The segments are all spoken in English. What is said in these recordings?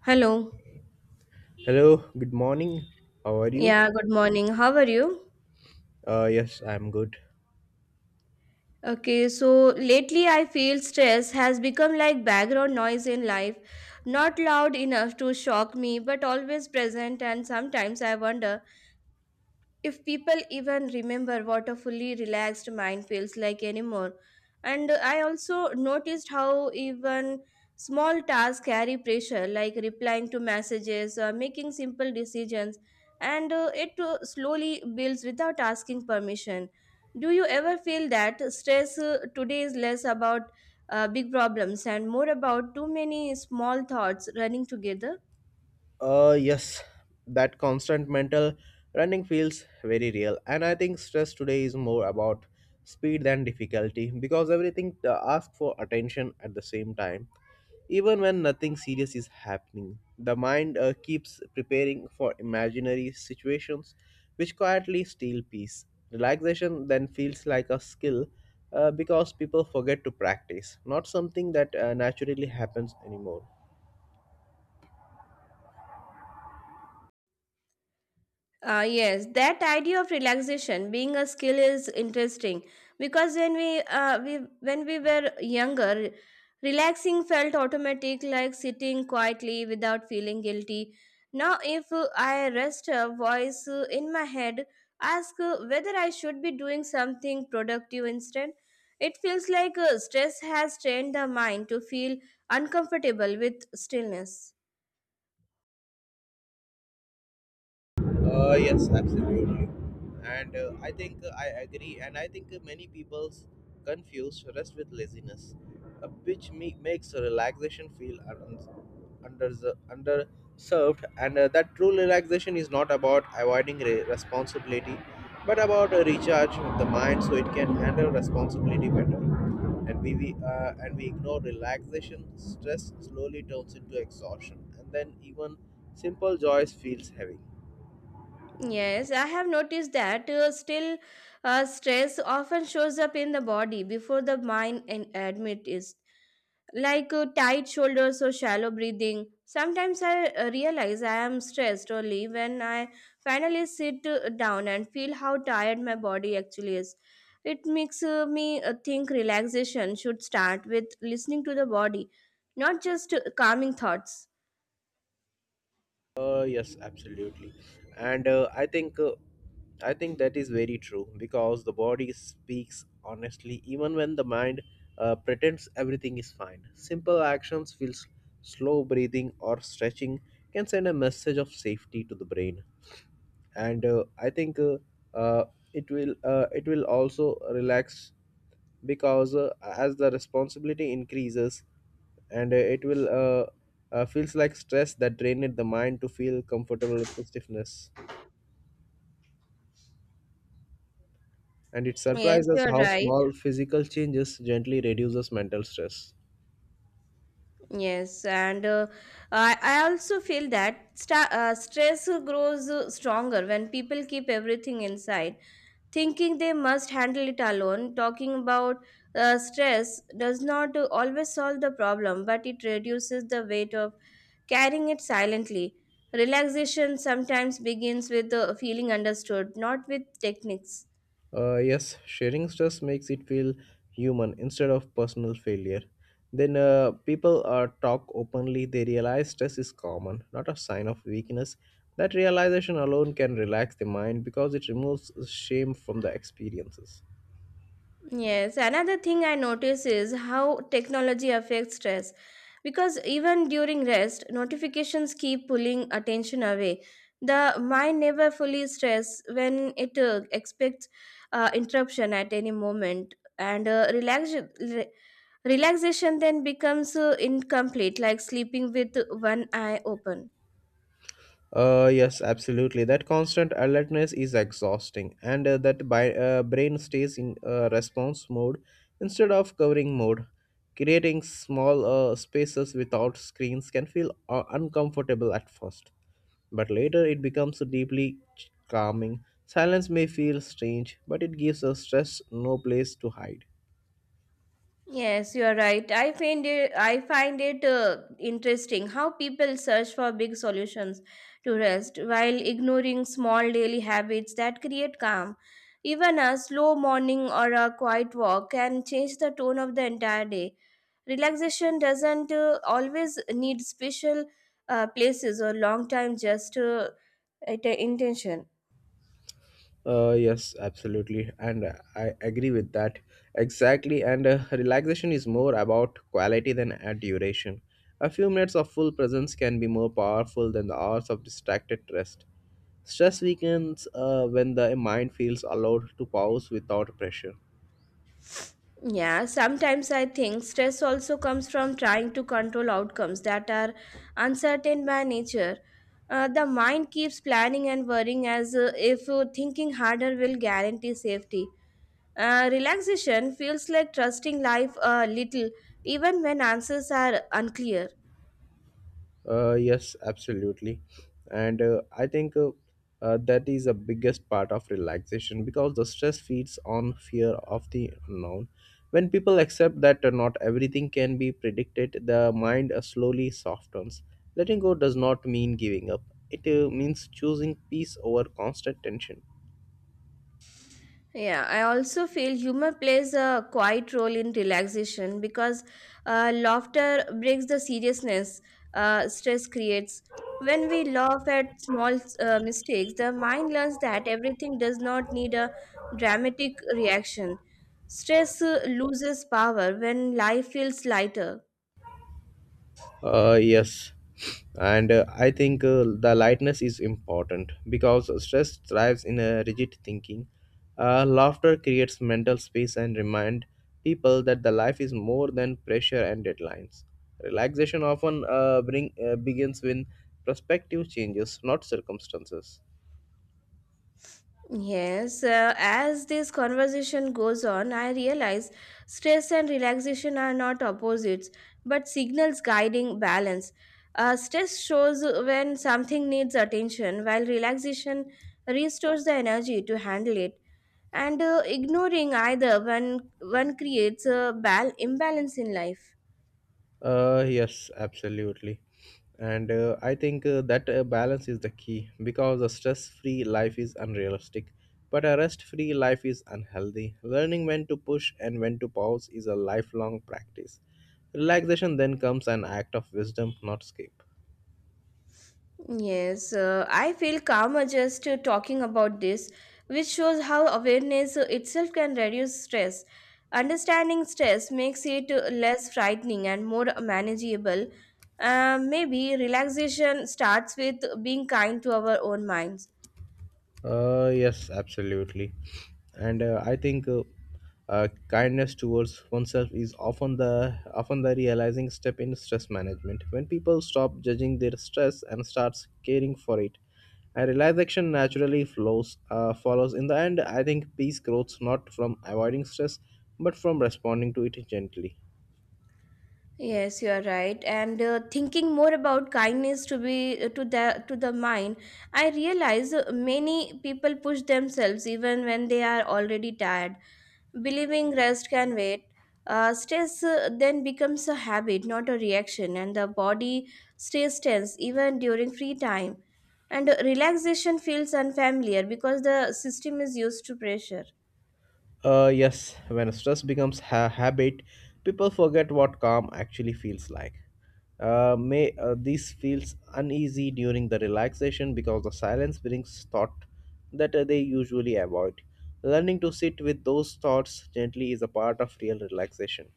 Hello. Hello, good morning. How are you? Yeah, good morning. How are you? Yes, I'm good. Okay, so lately I feel stress has become like background noise in life, not loud enough to shock me, but always present. And sometimes I wonder if people even remember what a fully relaxed mind feels like anymore. And I also noticed how even small tasks carry pressure, like replying to messages, making simple decisions, and it slowly builds without asking permission. Do you ever feel that stress today is less about big problems and more about too many small thoughts running together? Yes, that constant mental running feels very real, and I think stress today is more about speed than difficulty because everything asks for attention at the same time. Even when nothing serious is happening, the mind keeps preparing for imaginary situations which quietly steal peace. Relaxation then feels like a skill because people forget to practice, not something that naturally happens anymore. Yes, that idea of relaxation being a skill is interesting because when we when we were younger, relaxing felt automatic, like sitting quietly without feeling guilty. Now, if I rest a voice in my head, ask whether I should be doing something productive instead. It feels like stress has trained the mind to feel uncomfortable with stillness. Yes, absolutely. And I think I agree. And I think many people confuse rest with laziness, makes relaxation feel under underserved. And that true relaxation is not about avoiding responsibility, but about a recharge the mind so it can handle responsibility better. And we ignore relaxation. Stress slowly turns into exhaustion, and then even simple joys feels heavy. Yes, I have noticed that still stress often shows up in the body before the mind and admit is like tight shoulders or shallow breathing. Sometimes I realize I am stressed only when I finally sit down and feel how tired my body actually is. It makes me think relaxation should start with listening to the body, not just calming thoughts. Yes, absolutely, and I think that is very true because the body speaks honestly, even when the mind pretends everything is fine. Simple actions, feel slow breathing or stretching, can send a message of safety to the brain and I think uh, it will also relax because as the responsibility increases and it will feels like stress that drained the mind to feel comfortable with the stiffness and it Yes, surprises you're how right. small physical changes gently reduces mental stress. Yes, and I also feel that stress grows stronger when people keep everything inside, thinking they must handle it alone. Talking about stress does not always solve the problem, but it reduces the weight of carrying it silently. Relaxation sometimes begins with feeling understood, not with techniques. Yes, sharing stress makes it feel human instead of personal failure. Then people talk openly, they realize stress is common, not a sign of weakness. That realization alone can relax the mind because it removes shame from the experiences. Yes, another thing I notice is how technology affects stress, because even during rest notifications keep pulling attention away. The mind never fully rests when it expects interruption at any moment, and re- relaxation then becomes incomplete, like sleeping with one eye open. Yes, absolutely. That constant alertness is exhausting, and that brain stays in response mode instead of covering mode. Creating small spaces without screens can feel uncomfortable at first, but later it becomes deeply calming. Silence may feel strange, but it gives us stress no place to hide. Yes, you are right. I find it interesting how people search for big solutions to rest while ignoring small daily habits that create calm. Even a slow morning or a quiet walk can change the tone of the entire day. Relaxation doesn't always need special places or long time, just at a intention. Yes, absolutely, and I agree with that exactly. And relaxation is more about quality than duration. A few minutes of full presence can be more powerful than the hours of distracted rest. Stress weakens when the mind feels allowed to pause without pressure. Yeah, sometimes I think stress also comes from trying to control outcomes that are uncertain by nature. The mind keeps planning and worrying as if thinking harder will guarantee safety. Relaxation feels like trusting life a little, even when answers are unclear. Yes, absolutely. And I think That is the biggest part of relaxation because the stress feeds on fear of the unknown. When people accept that not everything can be predicted, the mind slowly softens. Letting go does not mean giving up, it means choosing peace over constant tension. Yeah, I also feel humor plays a quiet role in relaxation because laughter breaks the seriousness stress creates. When we laugh at small mistakes, the mind learns that everything does not need a dramatic reaction. Stress loses power when life feels lighter. Yes, and I think the lightness is important because stress thrives in a rigid thinking. Laughter creates mental space and remind people that the life is more than pressure and deadlines. Relaxation often bring begins when perspective changes, not circumstances. Yes, as this conversation goes on, I realize stress and relaxation are not opposites but signals guiding balance. Stress shows when something needs attention, while relaxation restores the energy to handle it. And ignoring either one, one creates a imbalance in life. Yes, absolutely. And I think that balance is the key because a stress free life is unrealistic, but a rest free life is unhealthy. Learning when to push and when to pause is a lifelong practice. Relaxation then comes an act of wisdom, not escape. Yes, I feel calmer just talking about this, which shows how awareness itself can reduce stress. Understanding stress makes it less frightening and more manageable. Maybe relaxation starts with being kind to our own minds. Yes, absolutely. And I think Kindness towards oneself is often the realizing step in stress management. When people stop judging their stress and starts caring for it, and relaxation naturally flows follows. In the end, I think peace grows not from avoiding stress, but from responding to it gently. Yes, you are right. And thinking more about kindness to the mind, I realize many people push themselves even when they are already tired, believing rest can wait. Stress then becomes a habit, not a reaction, and the body stays tense even during free time. And relaxation feels unfamiliar because the system is used to pressure. Yes, when stress becomes a habit, people forget what calm actually feels like. May This feels uneasy during the relaxation because the silence brings thought that they usually avoid. Learning to sit with those thoughts gently is a part of real relaxation.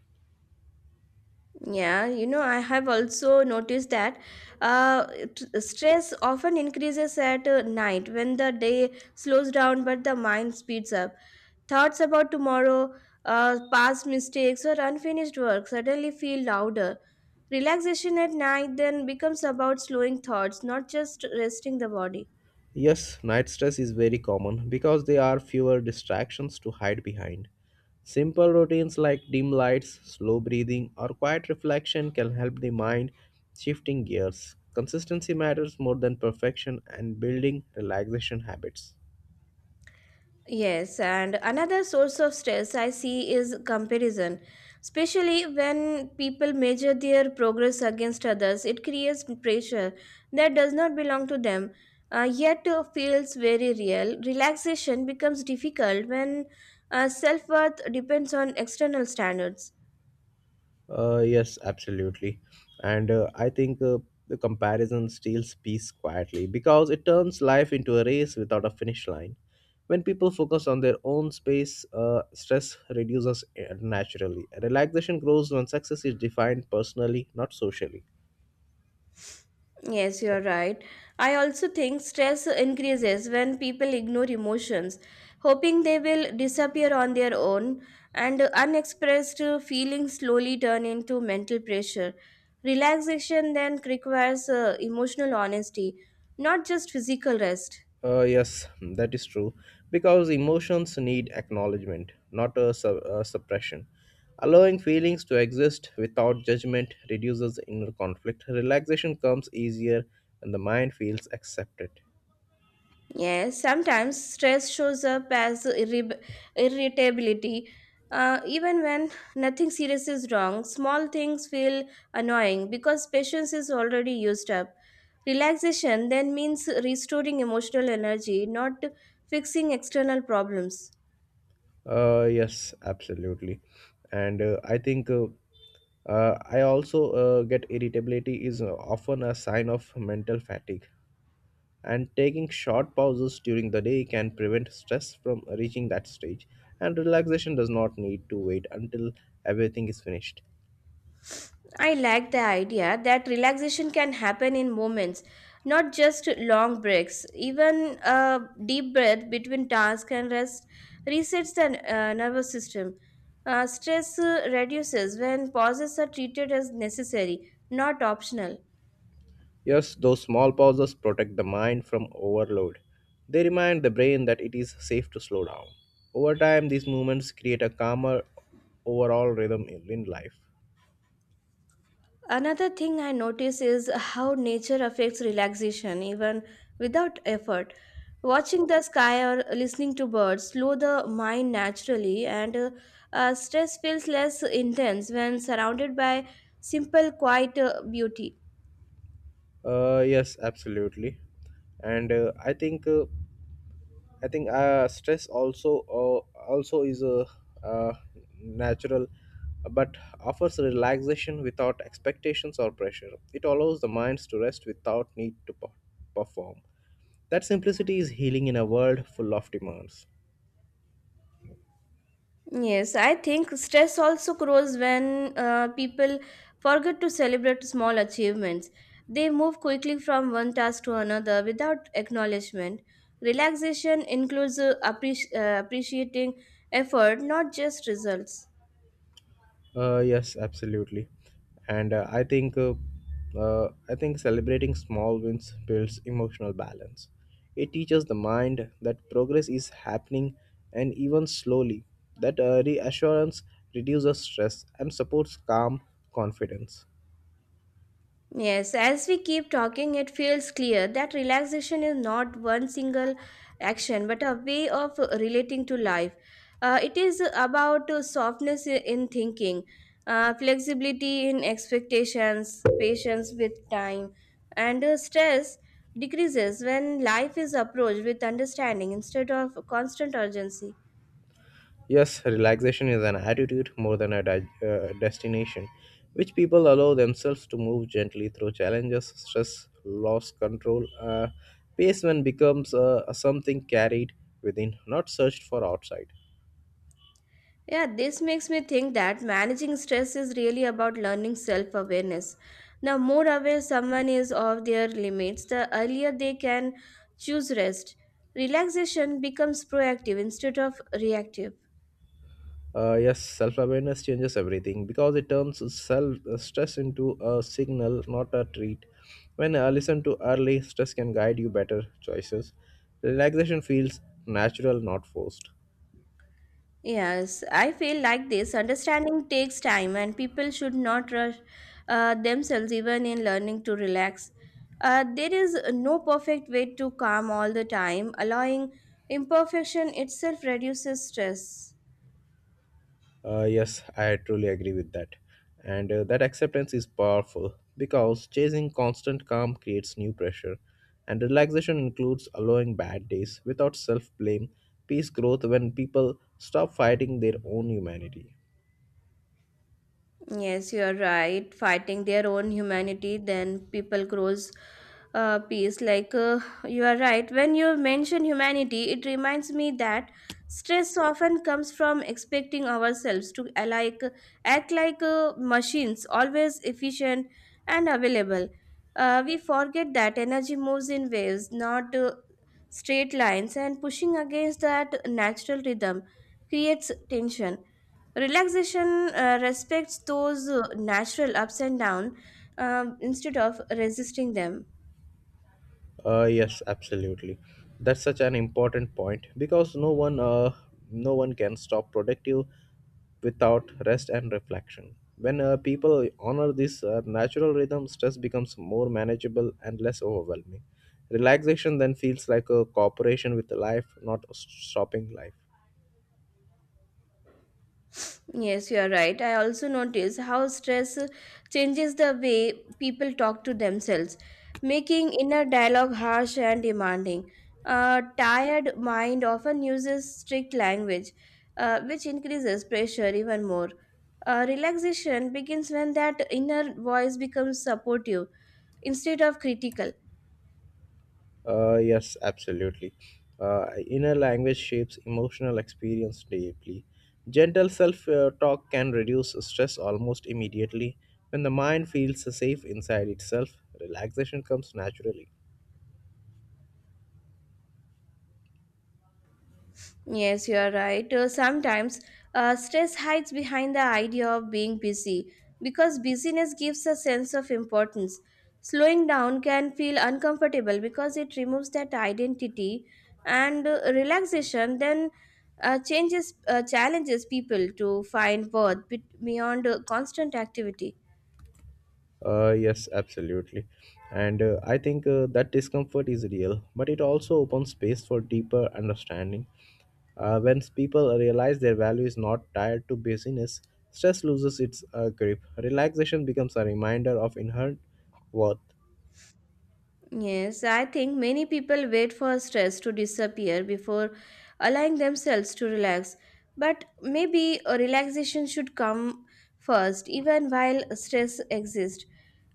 Yeah, I have also noticed that uh, stress often increases at night when the day slows down but the mind speeds up. Thoughts about tomorrow, past mistakes, or unfinished work suddenly feel louder. Relaxation at night then becomes about slowing thoughts, not just resting the body. Yes, night stress is very common because there are fewer distractions to hide behind. Simple routines like dim lights, slow breathing, or quiet reflection can help the mind shifting gears. Consistency matters more than perfection and building relaxation habits. Yes, and another source of stress I see is comparison. Especially when people measure their progress against others, it creates pressure that does not belong to them, yet feels very real. Relaxation becomes difficult when self worth depends on external standards. Yes, absolutely. And I think The comparison steals peace quietly because it turns life into a race without a finish line. When people focus on their own space, stress reduces naturally. Relaxation grows when success is defined personally, not socially. Yes, you are right. I also think stress increases when people ignore emotions, hoping they will disappear on their own, and unexpressed feelings slowly turn into mental pressure. Relaxation then requires emotional honesty, not just physical rest. Yes, that is true. Because emotions need acknowledgement, not a suppression. Allowing feelings to exist without judgment reduces inner conflict. Relaxation comes easier when the mind feels accepted. Yes, sometimes stress shows up as irritability. Even when nothing serious is wrong, small things feel annoying because patience is already used up. Relaxation then means restoring emotional energy, not fixing external problems. Yes, absolutely. And I think I also get irritability is often a sign of mental fatigue, and taking short pauses during the day can prevent stress from reaching that stage, and relaxation does not need to wait until everything is finished. I like the idea that relaxation can happen in moments, not just long breaks. Even a deep breath between task and rest resets the nervous system. Stress reduces when pauses are treated as necessary, not optional. Yes, those small pauses protect the mind from overload. They remind the brain that it is safe to slow down. Over time these movements create a calmer overall rhythm in life. Another thing I notice is how nature affects relaxation even without effort. Watching the sky or listening to birds slow the mind naturally, and stress feels less intense when surrounded by simple, quiet beauty. Yes, absolutely, and I think stress also is a uh, natural, but offers relaxation without expectations or pressure. It allows the minds to rest without need to perform. That simplicity is healing in a world full of demands. Yes, I think stress also grows when people forget to celebrate small achievements. They move quickly from one task to another without acknowledgement. Relaxation includes appreciating effort, not just results. Yes, absolutely. And I think celebrating small wins builds emotional balance. It teaches the mind that progress is happening and even slowly. That reassurance reduces stress and supports calm confidence. Yes, as we keep talking, it feels clear that relaxation is not one single action but a way of relating to life. It is about softness in thinking, flexibility in expectations, patience with time, and stress decreases when life is approached with understanding instead of constant urgency. Yes, relaxation is an attitude more than a destination, which people allow themselves to move gently through challenges, stress, loss, control. Pace when becomes something carried within, not searched for outside. Yeah, this makes me think that managing stress is really about learning self awareness. The more aware someone is of their limits, the earlier they can choose rest. Relaxation becomes proactive instead of reactive. Yes, self awareness changes everything because it turns self stress into a signal, not a treat. When I listen to early, stress can guide you better choices. Relaxation feels natural, not forced. Yes, I feel like this understanding takes time, and people should not rush themselves even in learning to relax. There is no perfect way to calm all the time, allowing imperfection itself reduces stress. Yes, I truly agree with that. And that acceptance is powerful because chasing constant calm creates new pressure. And relaxation includes allowing bad days without self blame. Peace growth when people stop fighting their own humanity. Yes, you are right. Fighting their own humanity, then people grows peace. Like you are right. When you mention humanity, it reminds me that stress often comes from expecting ourselves to like act like machines, always efficient and available. We forget that energy moves in waves, not straight lines, and pushing against that natural rhythm creates tension. Relaxation respects those natural ups and downs instead of resisting them. Yes, absolutely. That's such an important point because no one can stop productive without rest and reflection. When people honor this natural rhythm, stress becomes more manageable and less overwhelming. Relaxation then feels like a cooperation with life, not a stopping life. Yes, you are right. I also notice how stress changes the way people talk to themselves, making inner dialogue harsh and demanding. A tired mind often uses strict language, which increases pressure even more. Relaxation begins when that inner voice becomes supportive instead of critical. Yes, absolutely. Inner language shapes emotional experience deeply. Gentle self talk can reduce stress almost immediately. When the mind feels safe inside itself, relaxation comes naturally. Yes, you are right. Sometimes stress hides behind the idea of being busy because busyness gives a sense of importance. Slowing down can feel uncomfortable because it removes that identity, and relaxation then changes challenges people to find worth beyond constant activity. Yes, absolutely. And I think That discomfort is real, but it also opens space for deeper understanding. When people realize their value is not tied to busyness, stress loses its grip. Relaxation becomes a reminder of inherent worth. Yes, I think many people wait for stress to disappear before allowing themselves to relax. But maybe a relaxation should come first, even while stress exists.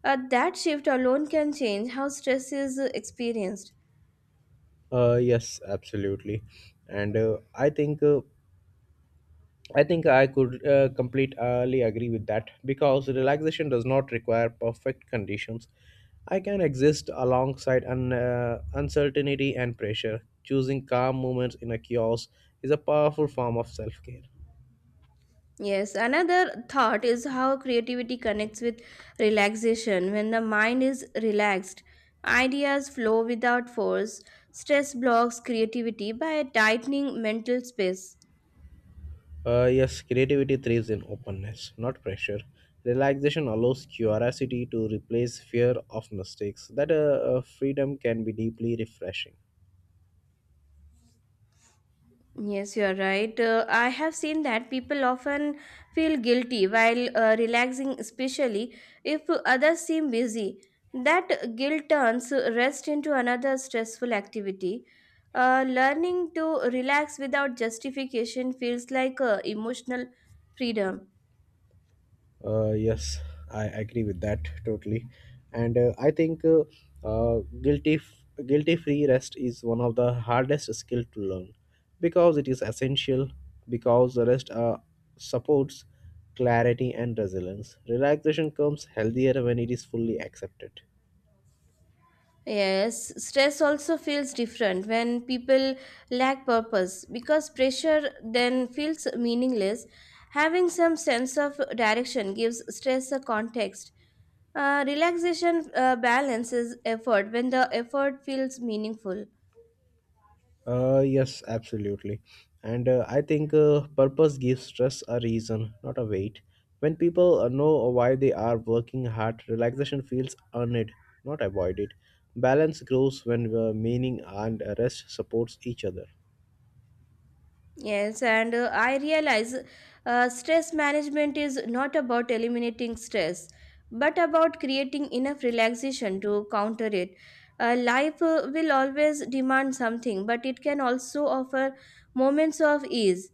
That shift alone can change how stress is experienced. Yes, absolutely. And I think I think I could completely agree with that because relaxation does not require perfect conditions. I can exist alongside uncertainty and pressure. Choosing calm moments in a chaos is a powerful form of self care. Yes, another thought is how creativity connects with relaxation. When the mind is relaxed, ideas flow without force. Stress blocks creativity by tightening mental space. Yes, creativity thrives in openness, not pressure. Relaxation allows curiosity to replace fear of mistakes. That freedom can be deeply refreshing. Yes, you are right. I have seen that people often feel guilty while relaxing, especially if others seem busy. That guilt turns rest into another stressful activity. Learning to relax without justification feels like emotional freedom. Yes, I agree with that totally, and I think guilty f- guilty free rest is one of the hardest skill to learn because it is essential because the rest supports clarity and resilience. Relaxation comes healthier when it is fully accepted. Yes, stress also feels different when people lack purpose because pressure then feels meaningless. Having some sense of direction gives stress a context. Relaxation balances effort when the effort feels meaningful. Yes, absolutely. And I think Purpose gives stress a reason, not a weight. When people know why they are working hard, relaxation feels earned, not avoided. Balance grows when meaning and rest supports each other. Yes, and I realize stress management is not about eliminating stress, but about creating enough relaxation to counter it. Life will always demand something, but it can also offer moments of ease.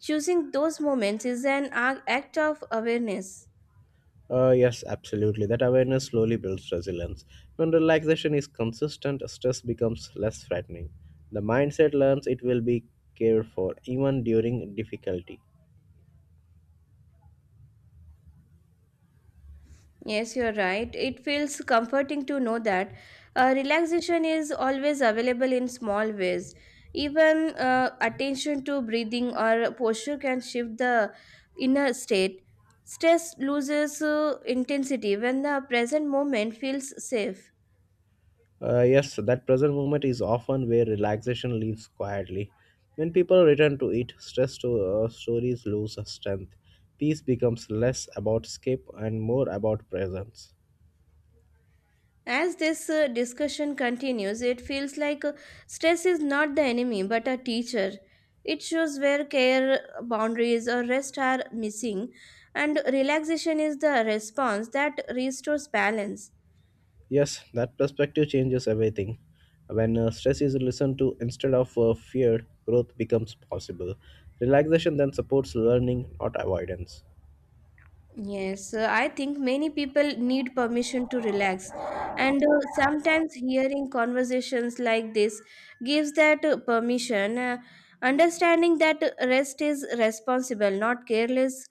Choosing those moments is an act of awareness. Yes, absolutely. That awareness slowly builds resilience. When relaxation is consistent, stress becomes less frightening. The mindset learns it will be cared for even during difficulty. Yes, you're right. It feels comforting to know that relaxation is always available in small ways. Even attention to breathing or posture can shift the inner state. Stress loses intensity when the present moment feels safe. Yes, that present moment is often where relaxation lives quietly. When people return to it, stress stories lose strength. Peace becomes less about escape and more about presence. As this discussion continues, it feels like stress is not the enemy but a teacher. It shows where care boundaries or rest are missing, and relaxation is the response that restores balance. Yes, that perspective changes everything. When stress is listened to instead of feared, growth becomes possible. Relaxation then supports learning, not avoidance. Yes, I think many people need permission to relax, and sometimes hearing conversations like this gives that permission. Understanding that rest is responsible, not careless,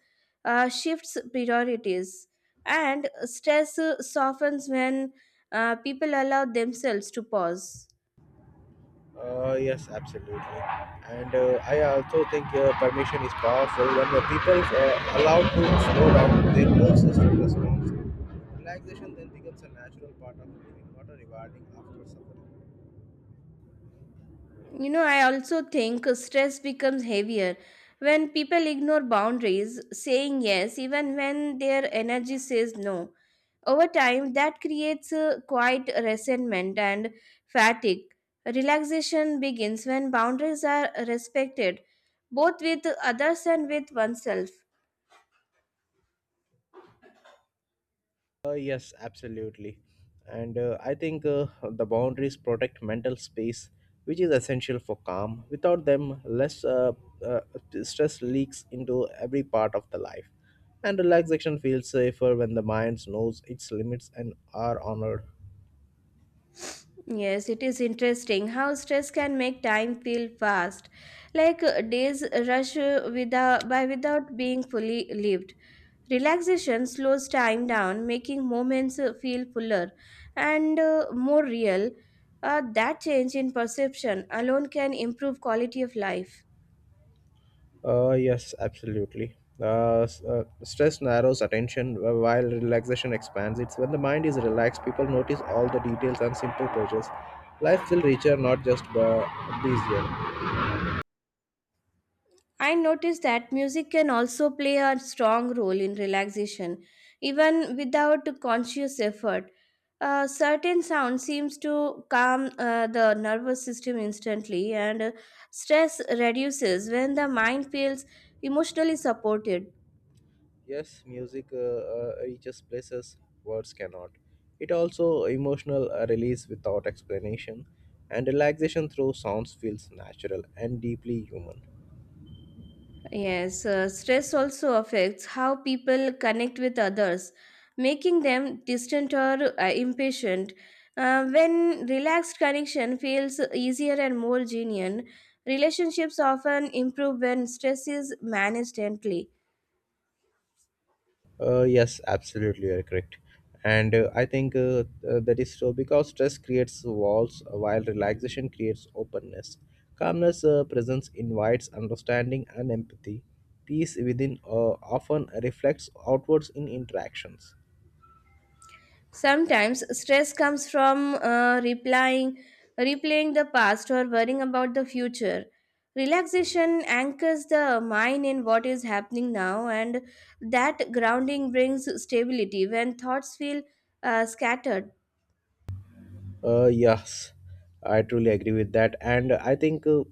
shifts priorities, and stress softens when people allow themselves to pause. Yes, absolutely. And I also think permission is powerful. When the people allowed to slow down, their whole system responds. Relaxation then becomes a natural part of living, not a rewarding after suffering. You know, I also think stress becomes heavier when people ignore boundaries, saying yes even when their energy says no. Over time, that creates a quiet resentment and fatigue. Relaxation begins when boundaries are respected, both with others and with oneself. Yes, absolutely. And I think The boundaries protect mental space, which is essential for calm. Without them, less uh, stress leaks into every part of the life. And relaxation feels safer when the mind knows its limits and are honored. Yes, it is interesting how stress can make time feel fast, like days rush without, by without being fully lived. Relaxation slows time down, making moments feel fuller and more real. That change in perception alone can improve quality of life. Yes, absolutely. Stress narrows attention while relaxation expands it. When the mind is relaxed, people notice all the details and simple pleasures. Life will richer, not just busier. I noticed that music can also play a strong role in relaxation, even without conscious effort. A certain sound seems to calm the nervous system instantly, and stress reduces when the mind feels emotionally supported. Yes, music reaches places words cannot. It also emotional release without explanation, and relaxation through sounds feels natural and deeply human. Yes, stress also affects how people connect with others, making them distant or impatient. When relaxed connection feels easier and more genuine, relationships often improve when stress is managed gently. Yes, absolutely, you're correct. And I think That is so because stress creates walls, while relaxation creates openness. Calmness presence invites understanding and empathy. Peace within often reflects outwards in interactions. Sometimes stress comes from replaying the past or worrying about the future. Relaxation anchors the mind in what is happening now, and that grounding brings stability when thoughts feel scattered. Yes, I truly agree with that, and I think uh,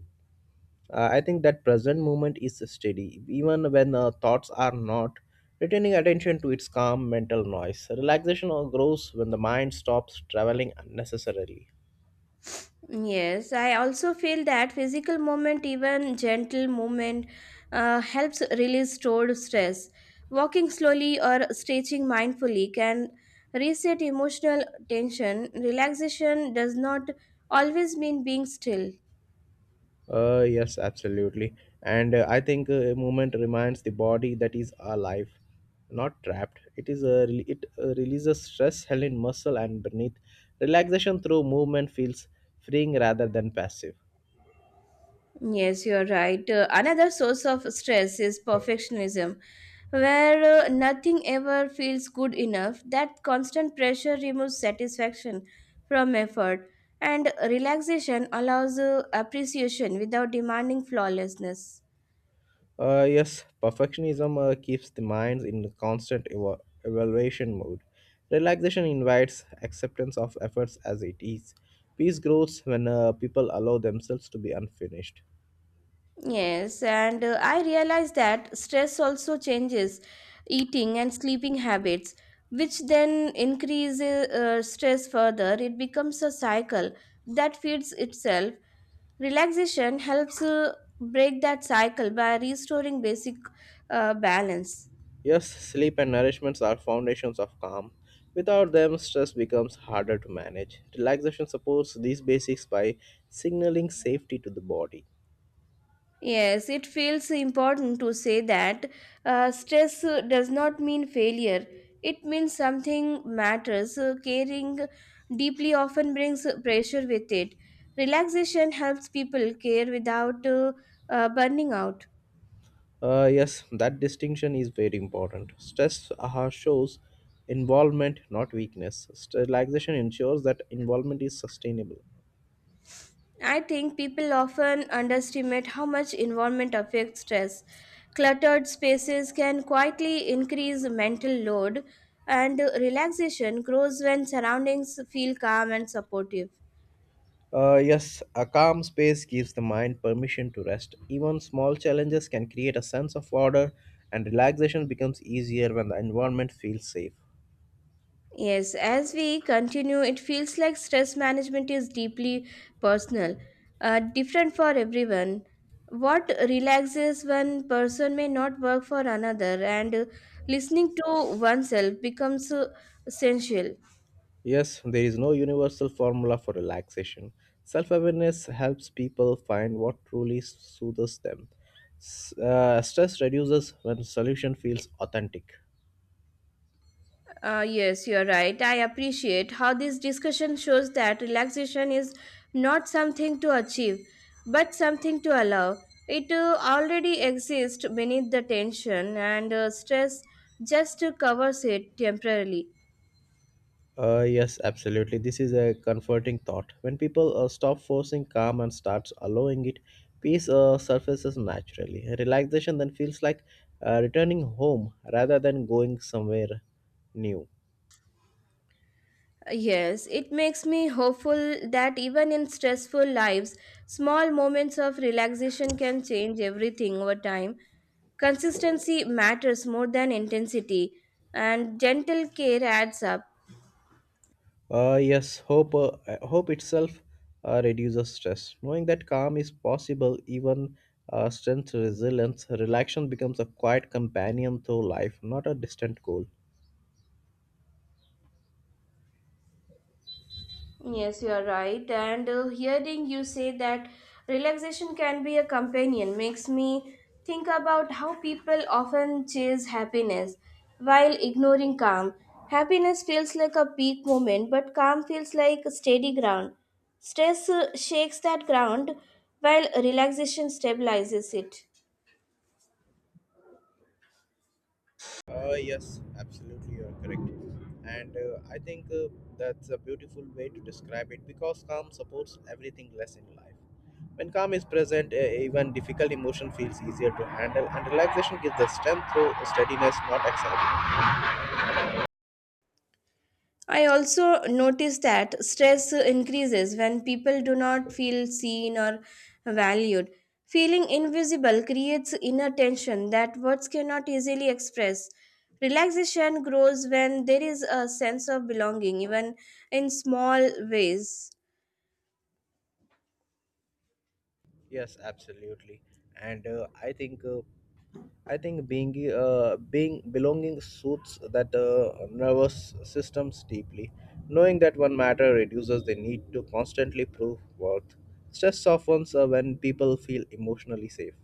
uh, I think that present moment is steady, even when thoughts are not. Retaining attention to its calm mental noise, relaxation or grows when the mind stops traveling unnecessarily. Yes, I also feel that physical movement, even gentle movement, helps release stored stress. Walking slowly or stretching mindfully can reset emotional tension. Relaxation does not always mean being still. Yes, absolutely, and I think movement reminds the body that is alive, not trapped. It releases stress held in muscle and beneath. Relaxation through movement feels freeing rather than passive. Yes, you are right. Another source of stress is perfectionism, where nothing ever feels good enough. That constant pressure removes satisfaction from effort, and relaxation allows appreciation without demanding flawlessness. Yes, perfectionism keeps the minds in constant evaluation mode. Relaxation invites acceptance of efforts as it is. Peace grows when people allow themselves to be unfinished. Yes, and I realize that stress also changes eating and sleeping habits, which then increases stress further. It becomes a cycle that feeds itself. Relaxation helps break that cycle by restoring basic balance. Yes, sleep and nourishments are foundations of calm. Without them, stress becomes harder to manage. Relaxation supports these basics by signaling safety to the body. Yes, it feels important to say that stress does not mean failure. It means something matters. Caring deeply often brings pressure with it. Relaxation helps people care without burning out. Yes, that distinction is very important. Stress shows involvement, not weakness. Relaxation ensures that involvement is sustainable. I think people often underestimate how much environment affects stress. Cluttered spaces can quietly increase mental load, and relaxation grows when surroundings feel calm and supportive. Yes, a calm space gives the mind permission to rest. Even small challenges can create a sense of order, and relaxation becomes easier when the environment feels safe. Yes, as we continue, it feels like stress management is deeply personal, different for everyone. What relaxes one person may not work for another, and listening to oneself becomes essential. Yes, there is no universal formula for relaxation. Self awareness helps people find what truly soothes them. Stress reduces when solution feels authentic. Yes, you're right. I appreciate how this discussion shows that relaxation is not something to achieve, but something to allow. It already exists beneath the tension, and stress just covers it temporarily. Yes, absolutely. This is a comforting thought. When people stop forcing calm and starts allowing it, peace surfaces naturally. Relaxation then feels like returning home rather than going somewhere new. Yes, it makes me hopeful that even in stressful lives, small moments of relaxation can change everything over time. Consistency matters more than intensity, and gentle care adds up. Yes, hope itself reduces stress. Knowing that calm is possible, even strength, resilience, relaxation becomes a quiet companion through life, not a distant goal. Yes, you are right. And hearing you say that relaxation can be a companion makes me think about how people often chase happiness while ignoring calm. Happiness feels like a peak moment, but calm feels like a steady ground. Stress shakes that ground while relaxation stabilizes it. Yes, absolutely, you are correct. And I think That's a beautiful way to describe it because calm supports everything less in life. When calm is present, even difficult emotion feels easier to handle, and relaxation gives the strength through steadiness, not excitement. I also noticed that stress increases when people do not feel seen or valued. Feeling invisible creates inner tension that words cannot easily express. Relaxation grows when there is a sense of belonging, even in small ways. Yes, absolutely. And I think being being belonging suits that nervous systems deeply. Knowing that one matter reduces the need to constantly prove worth. Stress softens when people feel emotionally safe.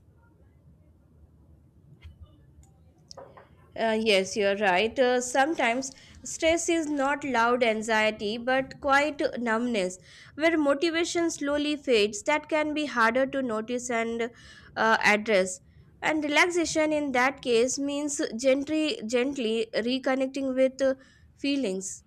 Yes, you're right. Sometimes stress is not loud anxiety but quite numbness, where motivation slowly fades. That can be harder to notice and address. And relaxation in that case means gently reconnecting with feelings.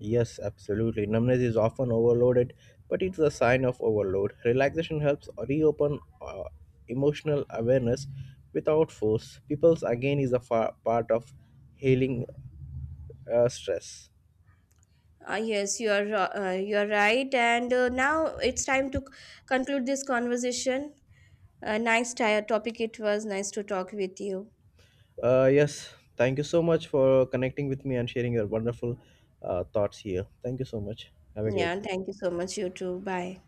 Yes, absolutely. Numbness is often overloaded, but it's a sign of overload. Relaxation helps reopen emotional awareness without force. People's again is a part of healing stress. Yes, you are right. And now it's time to conclude this conversation. Nice topic it was. Nice to talk with you. Yes, thank you so much for connecting with me and sharing your wonderful thoughts here. Thank you so much. Have a Yeah, great day. thank you so much. You too. Bye.